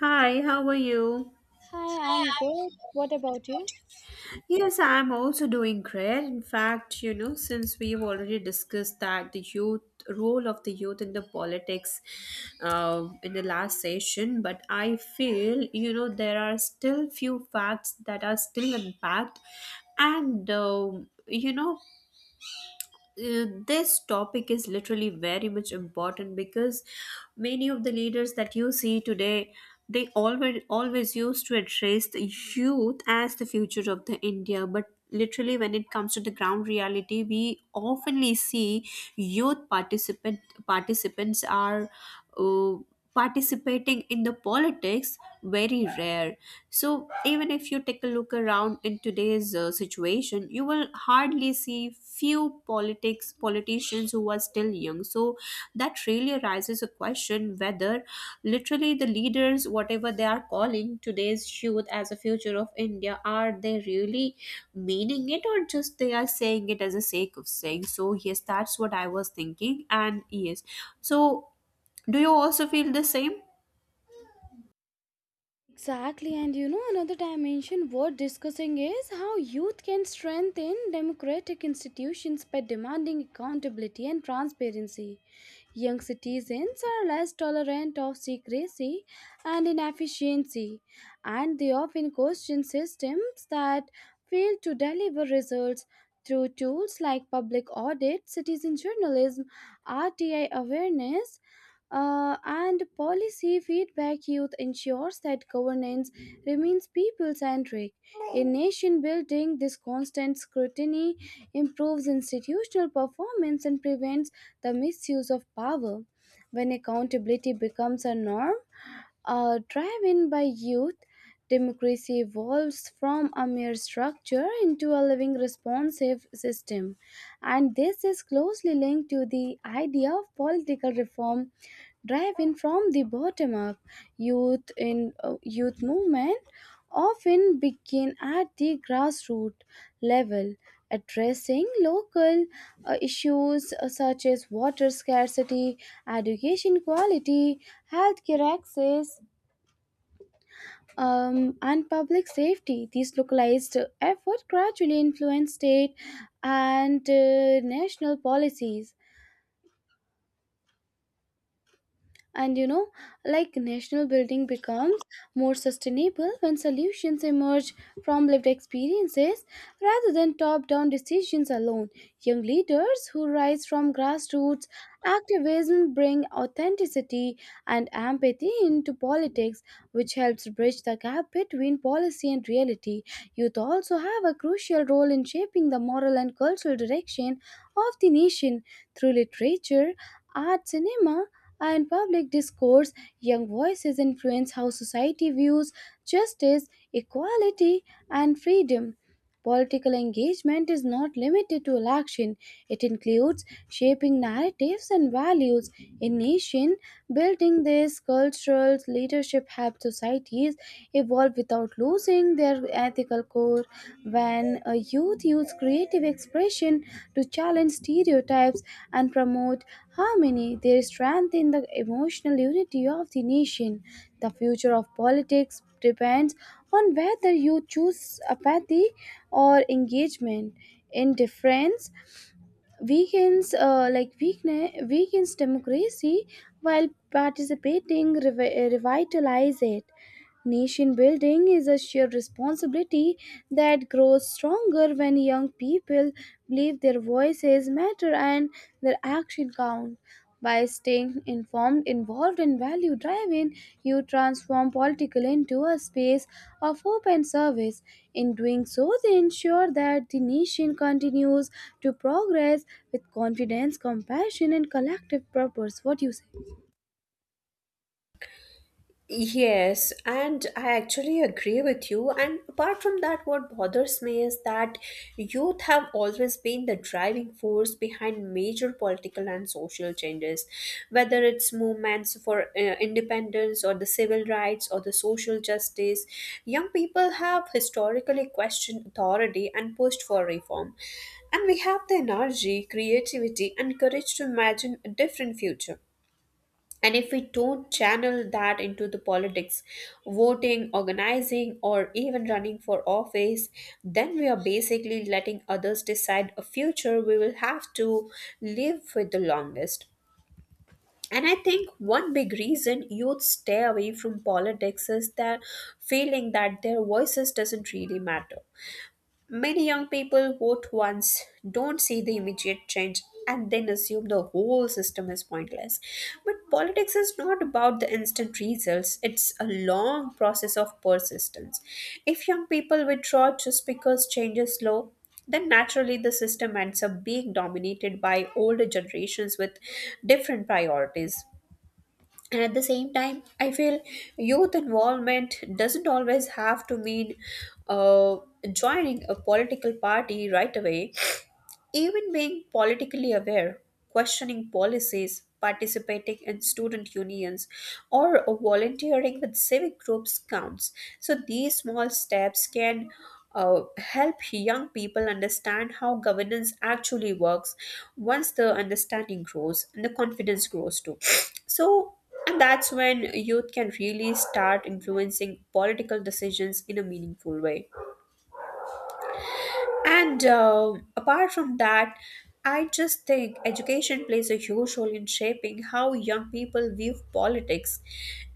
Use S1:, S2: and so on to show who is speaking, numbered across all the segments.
S1: Hi, how are you?
S2: Hi, I'm good. What about you?
S1: Yes, I'm also doing great. In fact, since we've already discussed that the youth role of the youth in the politics in the last session, but I feel there are still few facts that are still unpacked, and this topic is literally very much important because many of the leaders that you see today they always used to address the youth as the future of the India. But literally, when it comes to the ground reality, we oftenly see youth participants are uh, participating in the politics very rare. So, even if you take a look around in today's situation, you will hardly see few politics politicians who are still young. So, that really raises a question whether literally the leaders, whatever they are calling today's youth as a future of India, are they really meaning it or just they are saying it as a sake of saying? So, yes, that's what I was thinking. And yes, so do you also feel the same?
S2: Exactly, and you know, another dimension worth discussing is how youth can strengthen democratic institutions by demanding accountability and transparency. Young citizens are less tolerant of secrecy and inefficiency, and they often question systems that fail to deliver results through tools like public audit, citizen journalism, RTI awareness, and policy feedback youth ensures that governance remains people centric. In nation building, this constant scrutiny improves institutional performance and prevents the misuse of power. When accountability becomes a norm, a drive in by youth, democracy evolves from a mere structure into a living responsive system. And this is closely linked to the idea of political reform drive in from the bottom up, youth movement often begin at the grassroots level, addressing local issues such as water scarcity, education quality, healthcare access, and public safety. These localized efforts gradually influence state and national policies. And like national building becomes more sustainable when solutions emerge from lived experiences rather than top down decisions alone. Young leaders who rise from grassroots activism bring authenticity and empathy into politics, which helps bridge the gap between policy and reality. Youth also have a crucial role in shaping the moral and cultural direction of the nation through literature, art, cinema, and public discourse. Young voices influence how society views justice, equality, and freedom. Political engagement is not limited to election. It includes shaping narratives and values in nation building. This cultural leadership helps societies evolve without losing their ethical core. When a youth use creative expression to challenge stereotypes and promote harmony, they strengthen the emotional unity of the nation. The future of politics depends on whether you choose apathy or engagement. Indifference weakens democracy, while participating revitalize it. Nation building is a shared responsibility that grows stronger when young people believe their voices matter and their action count. By staying informed, involved, and value driven, you transform political into a space of hope and service. In doing so, they ensure that the nation continues to progress with confidence, compassion, and collective purpose. What do you say?
S1: Yes, and I actually agree with you. And apart from that, what bothers me is that youth have always been the driving force behind major political and social changes, whether it's movements for independence or the civil rights or the social justice. Young people have historically questioned authority and pushed for reform, and we have the energy, creativity, and courage to imagine a different future. And if we don't channel that into the politics, voting, organizing, or even running for office, then we are basically letting others decide a future we will have to live with the longest. And I think one big reason youth stay away from politics is that feeling that their voices doesn't really matter. Many young people vote once, don't see the immediate change, and then assume the whole system is pointless. But politics is not about the instant results, it's a long process of persistence. If young people withdraw just because change is slow, then naturally the system ends up being dominated by older generations with different priorities. And at the same time, I feel youth involvement doesn't always have to mean uh, joining a political party right away. Even being politically aware, questioning policies, participating in student unions, or volunteering with civic groups counts. So these small steps can help young people understand how governance actually works. Once the understanding grows, and the confidence grows too. So, and that's when youth can really start influencing political decisions in a meaningful way. And apart from that, I just think education plays a huge role in shaping how young people view politics.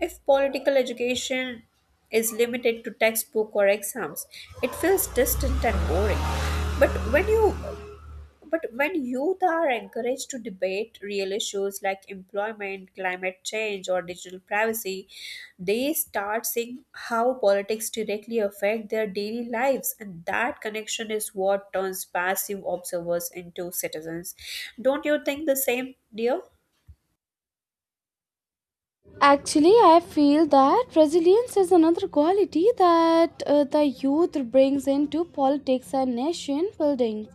S1: If political education is limited to textbook or exams, it feels distant and boring. But when you but when youth are encouraged to debate real issues like employment, climate change, or digital privacy, they start seeing how politics directly affect their daily lives, and that connection is what turns passive observers into citizens. Don't you think the same, dear?
S2: Actually, I feel that resilience is another quality that the youth brings into politics and nation building.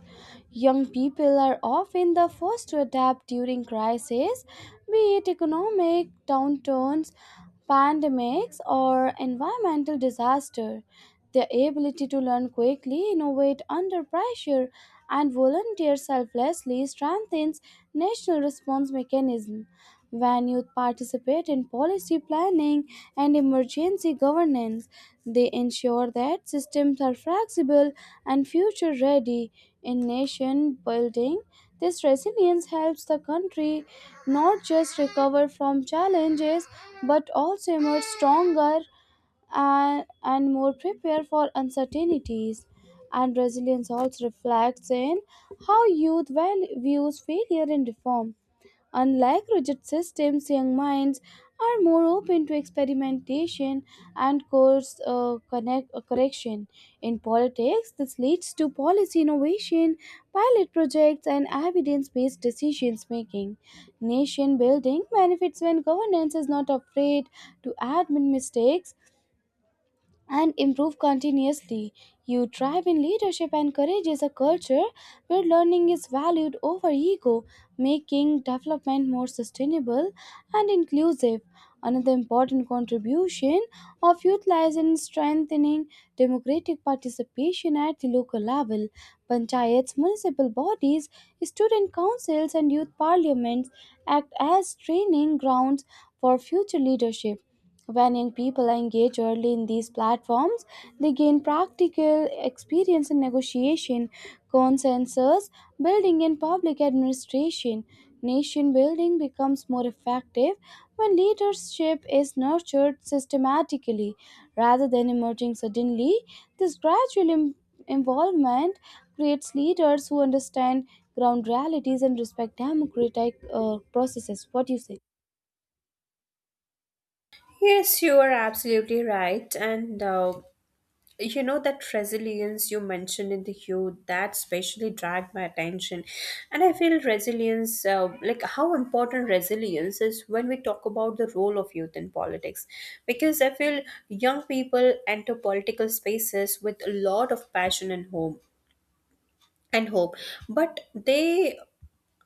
S2: Young people are often the first to adapt during crises, be it economic downturns, pandemics, or environmental disaster. Their ability to learn quickly, innovate under pressure, and volunteer selflessly strengthens national response mechanism. When youth participate in policy planning and emergency governance, they ensure that systems are flexible and future ready. In nation building, this resilience helps the country not just recover from challenges but also emerge stronger and more prepared for uncertainties. And resilience also reflects in how youth views failure and reform. Unlike rigid systems, young minds are more open to experimentation and course correction. In politics, this leads to policy innovation, pilot projects, and evidence based decisions making. Nation building benefits when governance is not afraid to admit mistakes and improve continuously. You thrive in leadership, and courage is a culture where learning is valued over ego, making development more sustainable and inclusive. Another important contribution of youth lies in strengthening democratic participation at the local level. Panchayats, municipal bodies, student councils, and youth parliaments act as training grounds for future leadership. When young people engage early in these platforms, they gain practical experience in negotiation, consensus building, and public administration. Nation building becomes more effective when leadership is nurtured systematically rather than emerging suddenly. This gradual involvement creates leaders who understand ground realities and respect democratic processes. What do you say?
S1: Yes, you are absolutely right, and. You know that resilience you mentioned in the youth that specially dragged my attention. And I feel resilience, like how important resilience is when we talk about the role of youth in politics, because I feel young people enter political spaces with a lot of passion and hope, but they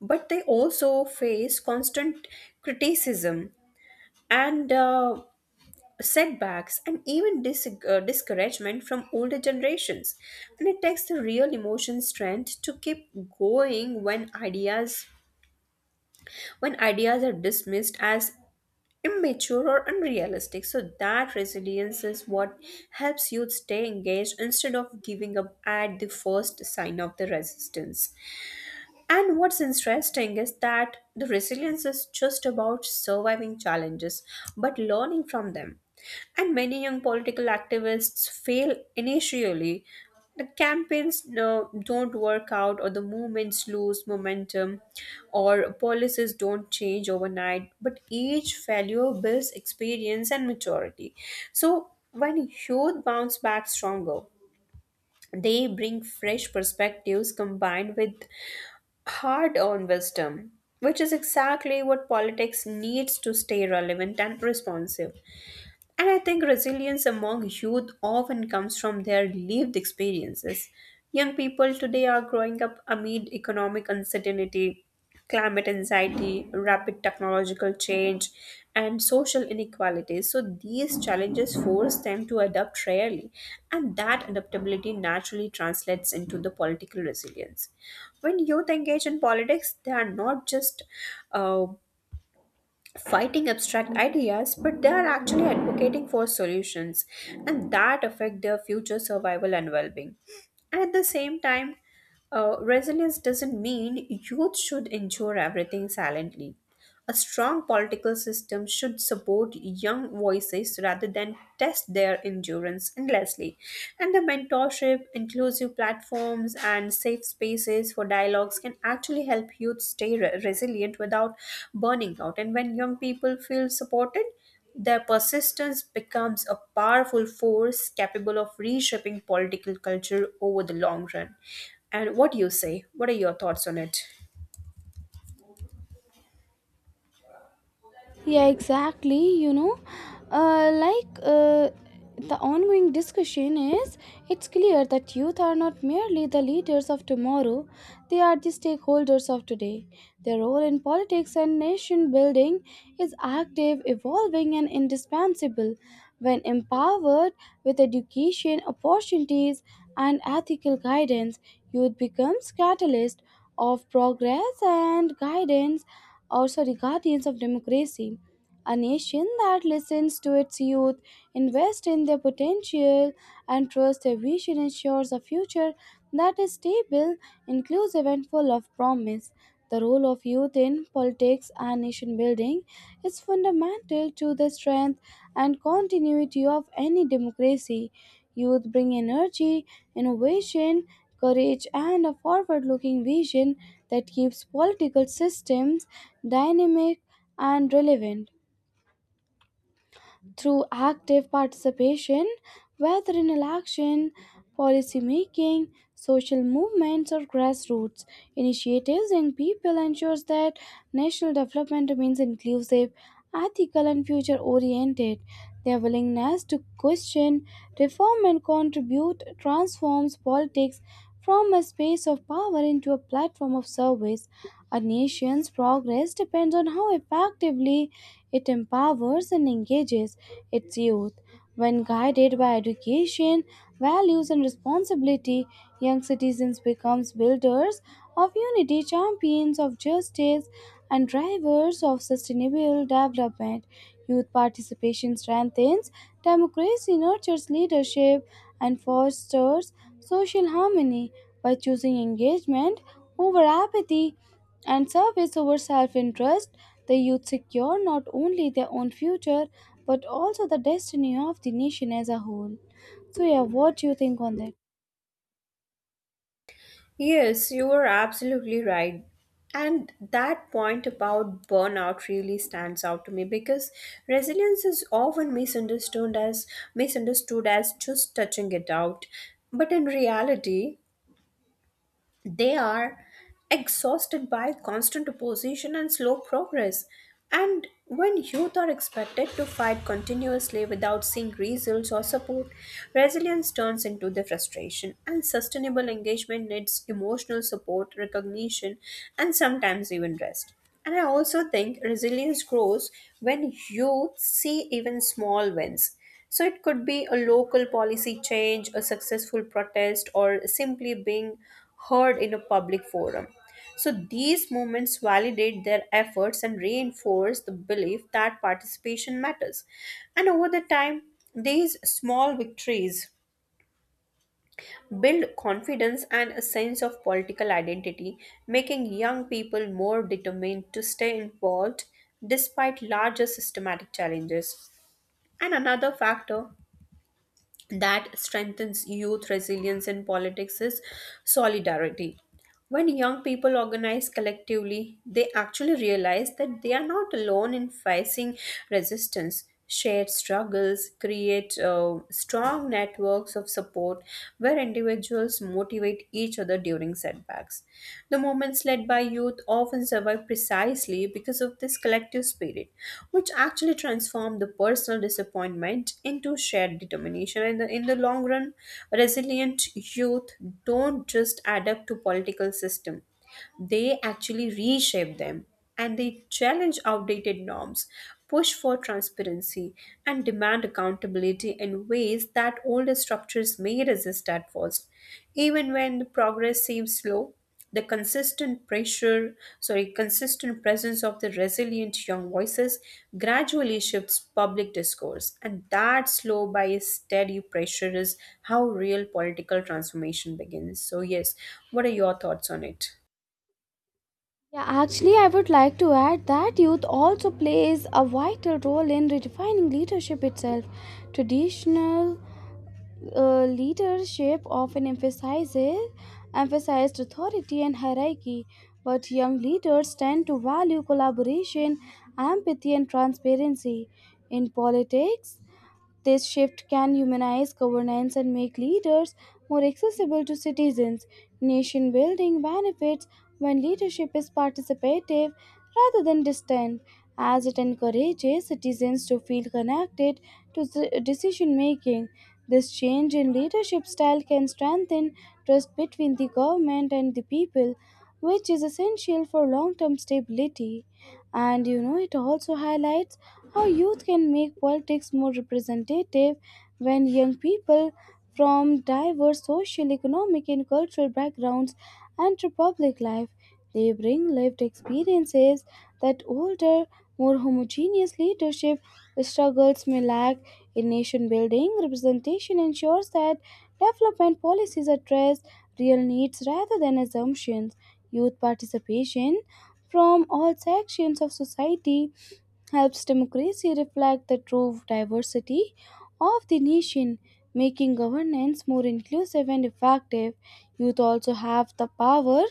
S1: also face constant criticism and setbacks and even discouragement from older generations. And it takes the real emotion strength to keep going when ideas are dismissed as immature or unrealistic. So that resilience is what helps youth stay engaged instead of giving up at the first sign of the resistance. And what's interesting is that the resilience is just about surviving challenges, but learning from them. And many young political activists fail initially. The campaigns no, don't work out, or the movements lose momentum, or policies don't change overnight. But each failure builds experience and maturity. So, when youth bounce back stronger, they bring fresh perspectives combined with hard earned wisdom, which is exactly what politics needs to stay relevant and responsive. And I think resilience among youth often comes from their lived experiences. Young people today are growing up amid economic uncertainty, climate anxiety, rapid technological change, and social inequalities. So these challenges force them to adapt rarely, and that adaptability naturally translates into the political resilience. When youth engage in politics, they are not just uh, fighting abstract ideas, but they are actually advocating for solutions and that affect their future survival and well-being. And at the same time, resilience doesn't mean youth should endure everything silently. A strong political system should support young voices rather than test their endurance endlessly. And the mentorship, inclusive platforms, and safe spaces for dialogues can actually help youth stay resilient without burning out. And when young people feel supported, their persistence becomes a powerful force capable of reshaping political culture over the long run. And what do you say? What are your thoughts on it?
S2: Yeah, exactly. You know, like, the ongoing discussion is, it's clear that youth are not merely the leaders of tomorrow, they are the stakeholders of today. Their role in politics and nation building is active, evolving, and indispensable. When empowered with education, opportunities, and ethical guidance, youth becomes catalyst of progress and guidance, also the guardians of democracy. A nation that listens to its youth, invests in their potential, and trusts their vision ensures a future that is stable, inclusive, and full of promise. The role of youth in politics and nation building is fundamental to the strength and continuity of any democracy. Youth bring energy, innovation, courage, and a forward looking vision that keeps political systems dynamic and relevant. Through active participation, whether in election, policy making, social movements, or grassroots initiatives, young people ensures that national development remains inclusive, ethical, and future oriented. Their willingness to question, reform, and contribute transforms politics from a space of power into a platform of service. A nation's progress depends on how effectively it empowers and engages its youth. When guided by education, values, and responsibility, young citizens become builders of unity, champions of justice, and drivers of sustainable development. Youth participation strengthens democracy, nurtures leadership, and fosters social harmony by choosing engagement over apathy and service over self interest. The youth secure not only their own future but also the destiny of the nation as a whole. So, yeah, what do you think on that?
S1: Yes, you are absolutely right. And that point about burnout really stands out to me because resilience is often misunderstood as just touching it out. But in reality, they are exhausted by constant opposition and slow progress. And when youth are expected to fight continuously without seeing results or support, resilience turns into the frustration. And sustainable engagement needs emotional support, recognition, and sometimes even rest. And I also think resilience grows when youth see even small wins. So it could be a local policy change, a successful protest, or simply being heard in a public forum. So these movements validate their efforts and reinforce the belief that participation matters. And over the time, these small victories build confidence and a sense of political identity, making young people more determined to stay involved despite larger systematic challenges. And another factor that strengthens youth resilience in politics is solidarity. When young people organize collectively, they actually realize that they are not alone in facing resistance. Shared struggles create strong networks of support where individuals motivate each other during setbacks. The movements led by youth often survive precisely because of this collective spirit, which actually transformed the personal disappointment into shared determination. And in the long run, resilient youth don't just adapt to political system; they actually reshape them, and they challenge outdated norms, push for transparency, and demand accountability in ways that older structures may resist at first. Even when the progress seems slow, the consistent pressure sorry consistent presence of the resilient young voices gradually shifts public discourse. And that slow by steady pressure is how real political transformation begins. So yes, what are your thoughts on it?
S2: Yeah, actually, I would like to add that youth also plays a vital role in redefining leadership itself. Traditional leadership often emphasizes emphasized authority and hierarchy, but young leaders tend to value collaboration, empathy, and transparency. In politics, this shift can humanize governance and make leaders more accessible to citizens. Nation building benefits when leadership is participative rather than distant, as it encourages citizens to feel connected to the decision making. This change in leadership style can strengthen trust between the government and the people, which is essential for long term stability. And you know, it also highlights how youth can make politics more representative when young people from diverse social, economic, and cultural backgrounds enter public life. They bring lived experiences that older, more homogeneous leadership struggles may lack. In nation building, representation ensures that development policies address real needs rather than assumptions. Youth participation from all sections of society helps democracy reflect the true diversity of the nation, making governance more inclusive and effective. Youth also have the power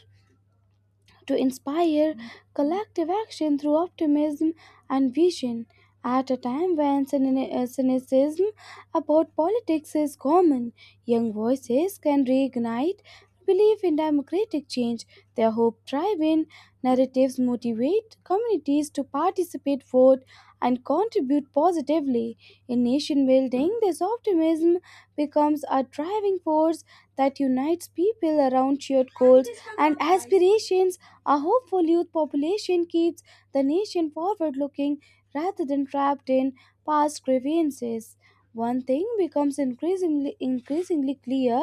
S2: to inspire collective action through optimism and vision. At a time when cynicism about politics is common, young voices can reignite belief in democratic change. Their hope driven narratives motivate communities to participate, vote, and contribute positively. In nation building, this optimism becomes a driving force that unites people around shared goals and aspirations. A hopeful youth population keeps the nation forward looking rather than trapped in past grievances. One thing becomes increasingly clear: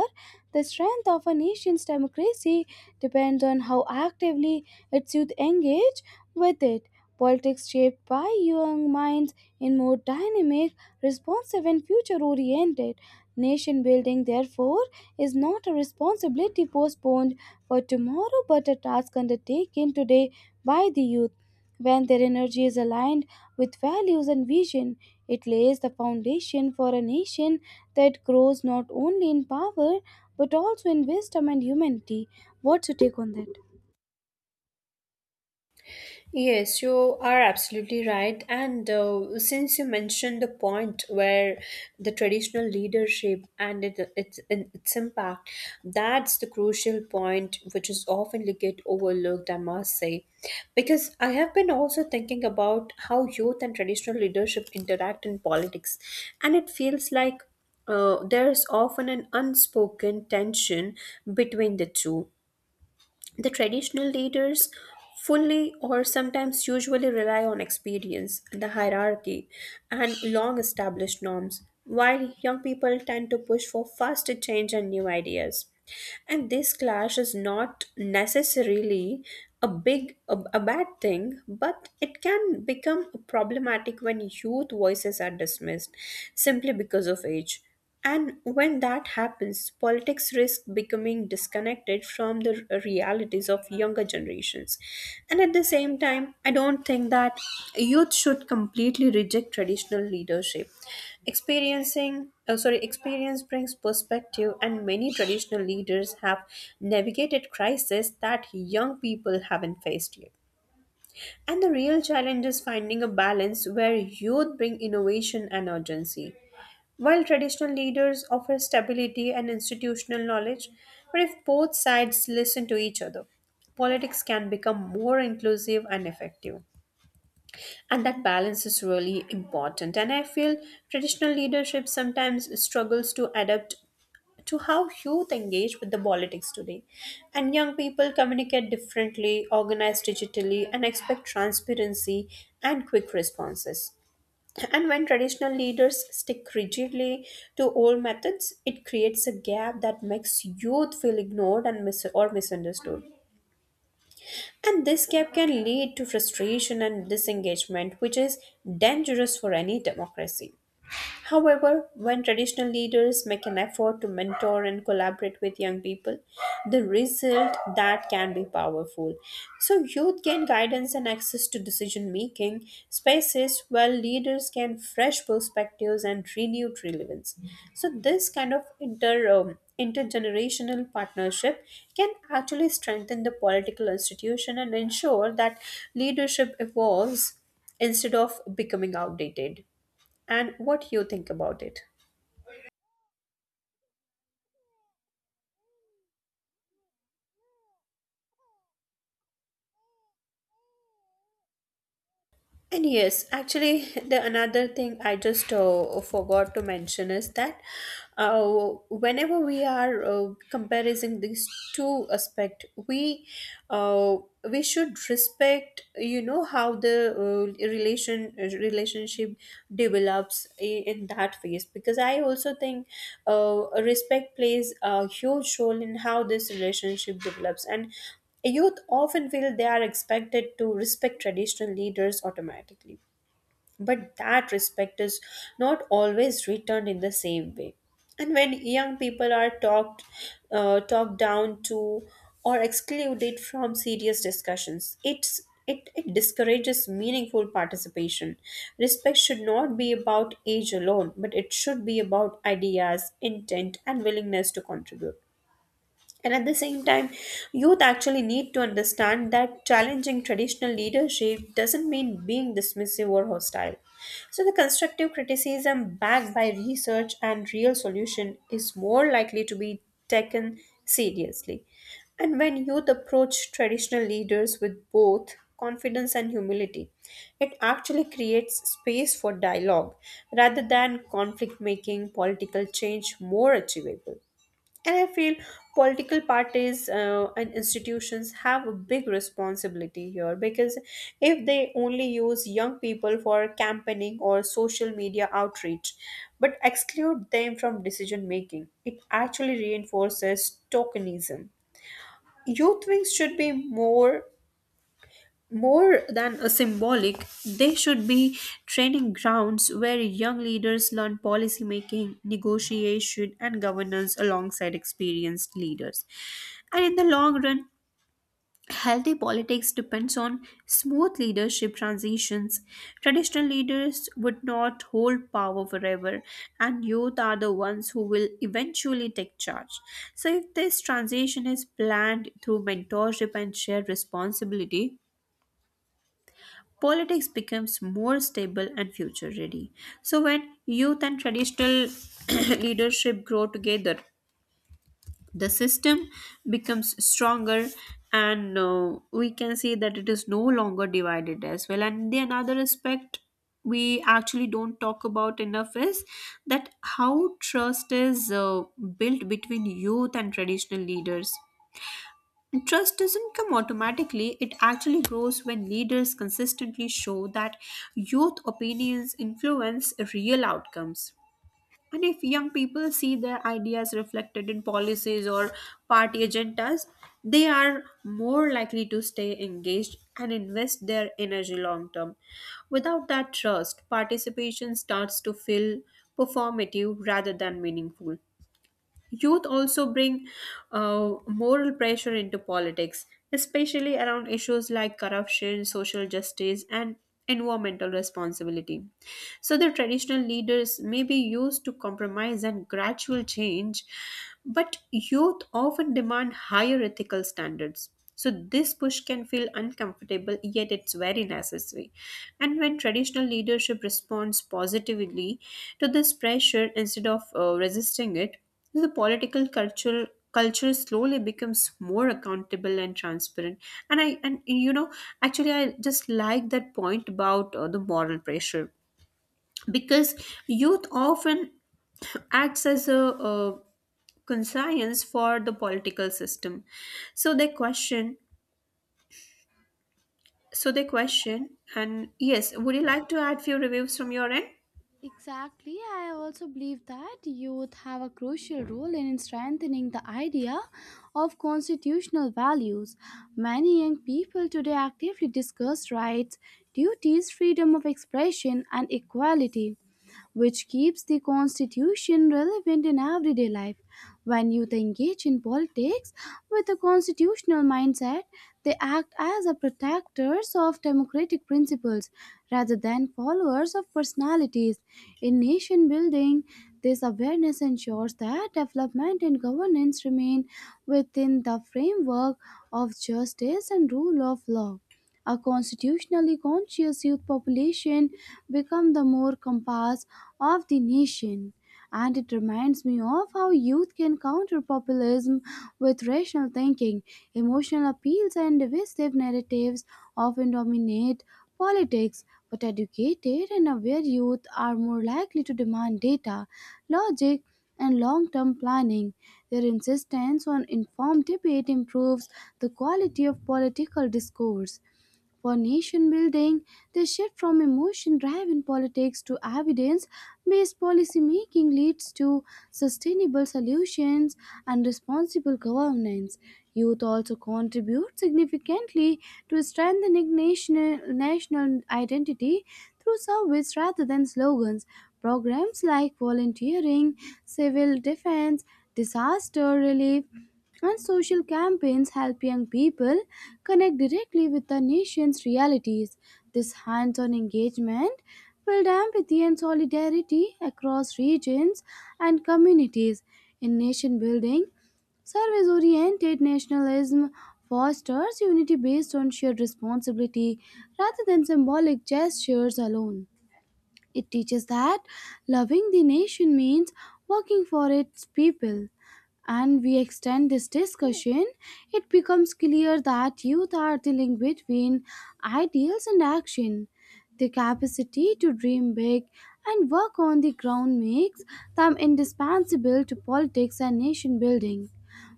S2: the strength of a nation's democracy depends on how actively its youth engage with it. Politics shaped by young minds in more dynamic, responsive, and future oriented. Nation building, therefore, is not a responsibility postponed for tomorrow but a task undertaken today by the youth. When their energy is aligned with values and vision, it lays the foundation for a nation that grows not only in power but also in wisdom and humanity. What's your take on that?
S1: Yes, you are absolutely right. And since you mentioned the point where the traditional leadership and its impact, that's the crucial point which is often get overlooked, I must say. Because I have been also thinking about how youth and traditional leadership interact in politics, and it feels like there is often an unspoken tension between the two. The traditional leaders fully or sometimes usually rely on experience, the hierarchy, and long established norms, while young people tend to push for faster change and new ideas. And this clash is not necessarily a bad thing, but it can become problematic when youth voices are dismissed simply because of age. And when that happens, politics risk becoming disconnected from the realities of younger generations. And at the same time, I don't think that youth should completely reject traditional leadership. Experience brings perspective, and many traditional leaders have navigated crises that young people haven't faced yet. And the real challenge is finding a balance where youth bring innovation and urgency, while traditional leaders offer stability and institutional knowledge. But if both sides listen to each other, politics can become more inclusive and effective. And that balance is really important. And I feel traditional leadership sometimes struggles to adapt to how youth engage with the politics today. And young people communicate differently, organize digitally, and expect transparency and quick responses. And when traditional leaders stick rigidly to old methods, it creates a gap that makes youth feel ignored and mis- or misunderstood. And this gap can lead to frustration and disengagement, which is dangerous for any democracy. However, when traditional leaders make an effort to mentor and collaborate with young people, the result that can be powerful. So youth gain guidance and access to decision making spaces, while leaders gain fresh perspectives and renewed relevance. So this kind of intergenerational partnership can actually strengthen the political institution and ensure that leadership evolves instead of becoming outdated. And what you think about it. And yes, actually, the another thing I just forgot to mention is that uh, whenever we are comparing these two aspect, uh, we should respect how the relationship develops in that phase, because I also think respect plays a huge role in how this relationship develops. And youth often feel they are expected to respect traditional leaders automatically, but that respect is not always returned in the same way. And when young people are talked down to or excluded from serious discussions, it discourages meaningful participation. Respect should not be about age alone, but it should be about ideas, intent, and willingness to contribute. And at the same time, youth actually need to understand that challenging traditional leadership doesn't mean being dismissive or hostile. So the constructive criticism backed by research and real solution is more likely to be taken seriously. And when youth approach traditional leaders with both confidence and humility, it actually creates space for dialogue rather than conflict, making political change more achievable. And I feel political parties and institutions have a big responsibility here, because if they only use young people for campaigning or social media outreach but exclude them from decision making, it actually reinforces tokenism. Youth wings should be more than a symbolic, they should be training grounds where young leaders learn policy making, negotiation, and governance alongside experienced leaders. And in the long run, healthy politics depends on smooth leadership transitions. Traditional leaders would not hold power forever, and youth are the ones who will eventually take charge. So if this transition is planned through mentorship and shared responsibility, politics becomes more stable and future ready. So when youth and traditional leadership grow together, the system becomes stronger, and we can see that it is no longer divided as well. And the another aspect we actually don't talk about enough is that how trust is built between youth and traditional leaders. And trust doesn't come automatically, it actually grows when leaders consistently show that youth opinions influence real outcomes. And if young people see their ideas reflected in policies or party agendas, they are more likely to stay engaged and invest their energy long term. Without that trust, participation starts to feel performative rather than meaningful. Youth also bring moral pressure into politics, especially around issues like corruption, social justice, and environmental responsibility. So the traditional leaders may be used to compromise and gradual change, but youth often demand higher ethical standards. So this push can feel uncomfortable, yet it's very necessary. And when traditional leadership responds positively to this pressure instead of resisting it, the political cultural culture slowly becomes more accountable and transparent. And I, and you know, actually I just like that point about the moral pressure, because youth often acts as a, conscience for the political system, so they question, so they question and yes, would you like to add few reviews from your end?
S2: Exactly. I also believe that youth have a crucial role in strengthening the idea of constitutional values. Many young people today actively discuss rights, duties, freedom of expression, and equality, which keeps the Constitution relevant in everyday life. When youth engage in politics with a constitutional mindset, they act as a protectors of democratic principles rather than followers of personalities. In nation building, this awareness ensures that development and governance remain within the framework of justice and rule of law. A constitutionally conscious youth population become the more compass of the nation. And it reminds me of how youth can counter populism with rational thinking. Emotional appeals and divisive narratives often dominate politics, but educated and aware youth are more likely to demand data, logic, and long term planning. Their insistence on informed debate improves the quality of political discourse. For nation building, the shift from emotion driven politics to evidence based policymaking leads to sustainable solutions and responsible governance. Youth also contribute significantly to strengthening national identity through service rather than slogans. Programs like volunteering, civil defense, disaster relief, and social campaigns help young people connect directly with the nation's realities. This hands on engagement builds empathy and solidarity across regions and communities. In nation building, service oriented nationalism fosters unity based on shared responsibility rather than symbolic gestures alone. It teaches that loving the nation means working for its people. And we extend this discussion, it becomes clear that youth are the link between ideals and action. The capacity to dream big and work on the ground makes them indispensable to politics and nation building.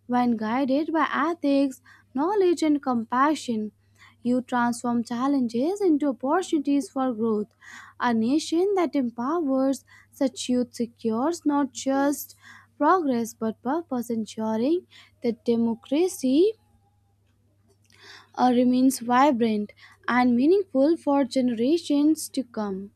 S2: When guided by ethics, knowledge, and compassion, you transform challenges into opportunities for growth. A nation that empowers such youth secures not just progress but purpose, ensuring that democracy remains vibrant and meaningful for generations to come.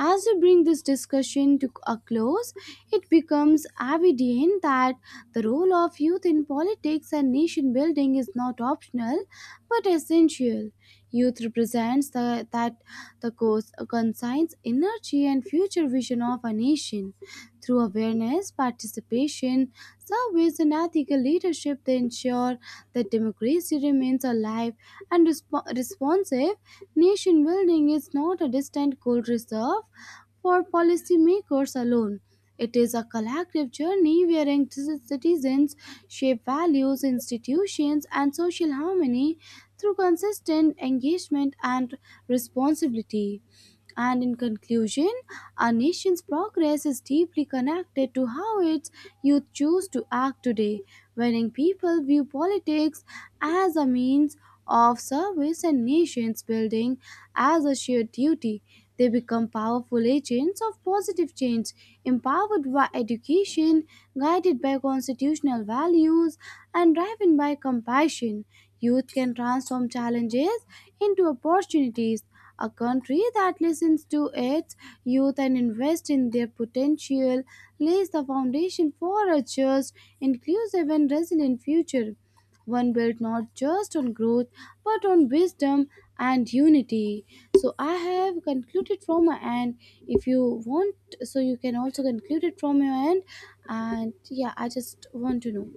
S2: As we bring this discussion to a close, it becomes evident that the role of youth in politics and nation building is not optional but essential. Youth represents the cause, conscience, energy, and future vision of a nation. Through awareness, participation, service, and ethical leadership, they ensure that democracy remains alive and responsive. Nation building is not a distant goal reserved for policymakers alone. It is a collective journey wherein citizens shape values, institutions, and social harmony through consistent engagement and responsibility. And in conclusion, a nation's progress is deeply connected to how its youth choose to act today. When young people view politics as a means of service and nation's building as a shared duty, they become powerful agents of positive change. Empowered by education, guided by constitutional values, and driven by compassion, youth can transform challenges into opportunities. A country that listens to its youth and invests in their potential lays the foundation for a just, inclusive, and resilient future. One built not just on growth but on wisdom and unity. So I have concluded from my end. If you want, so you can also conclude it from your end. And yeah, I just want to know.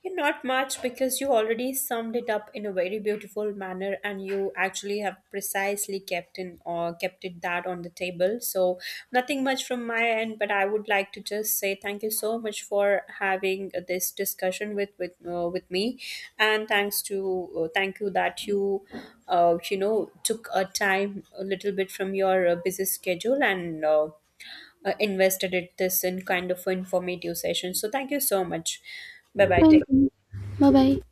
S1: Yeah, not much, because you already summed it up in a very beautiful manner and you actually have precisely kept in, or kept it that on the table. So nothing much from my end, but I would like to just say thank you so much for having this discussion with me, and thanks to thank you that you you know took a time a little bit from your busy schedule, and invested it this in kind of informative session. So thank you so much. Bye bye.
S2: Thank you. Bye bye.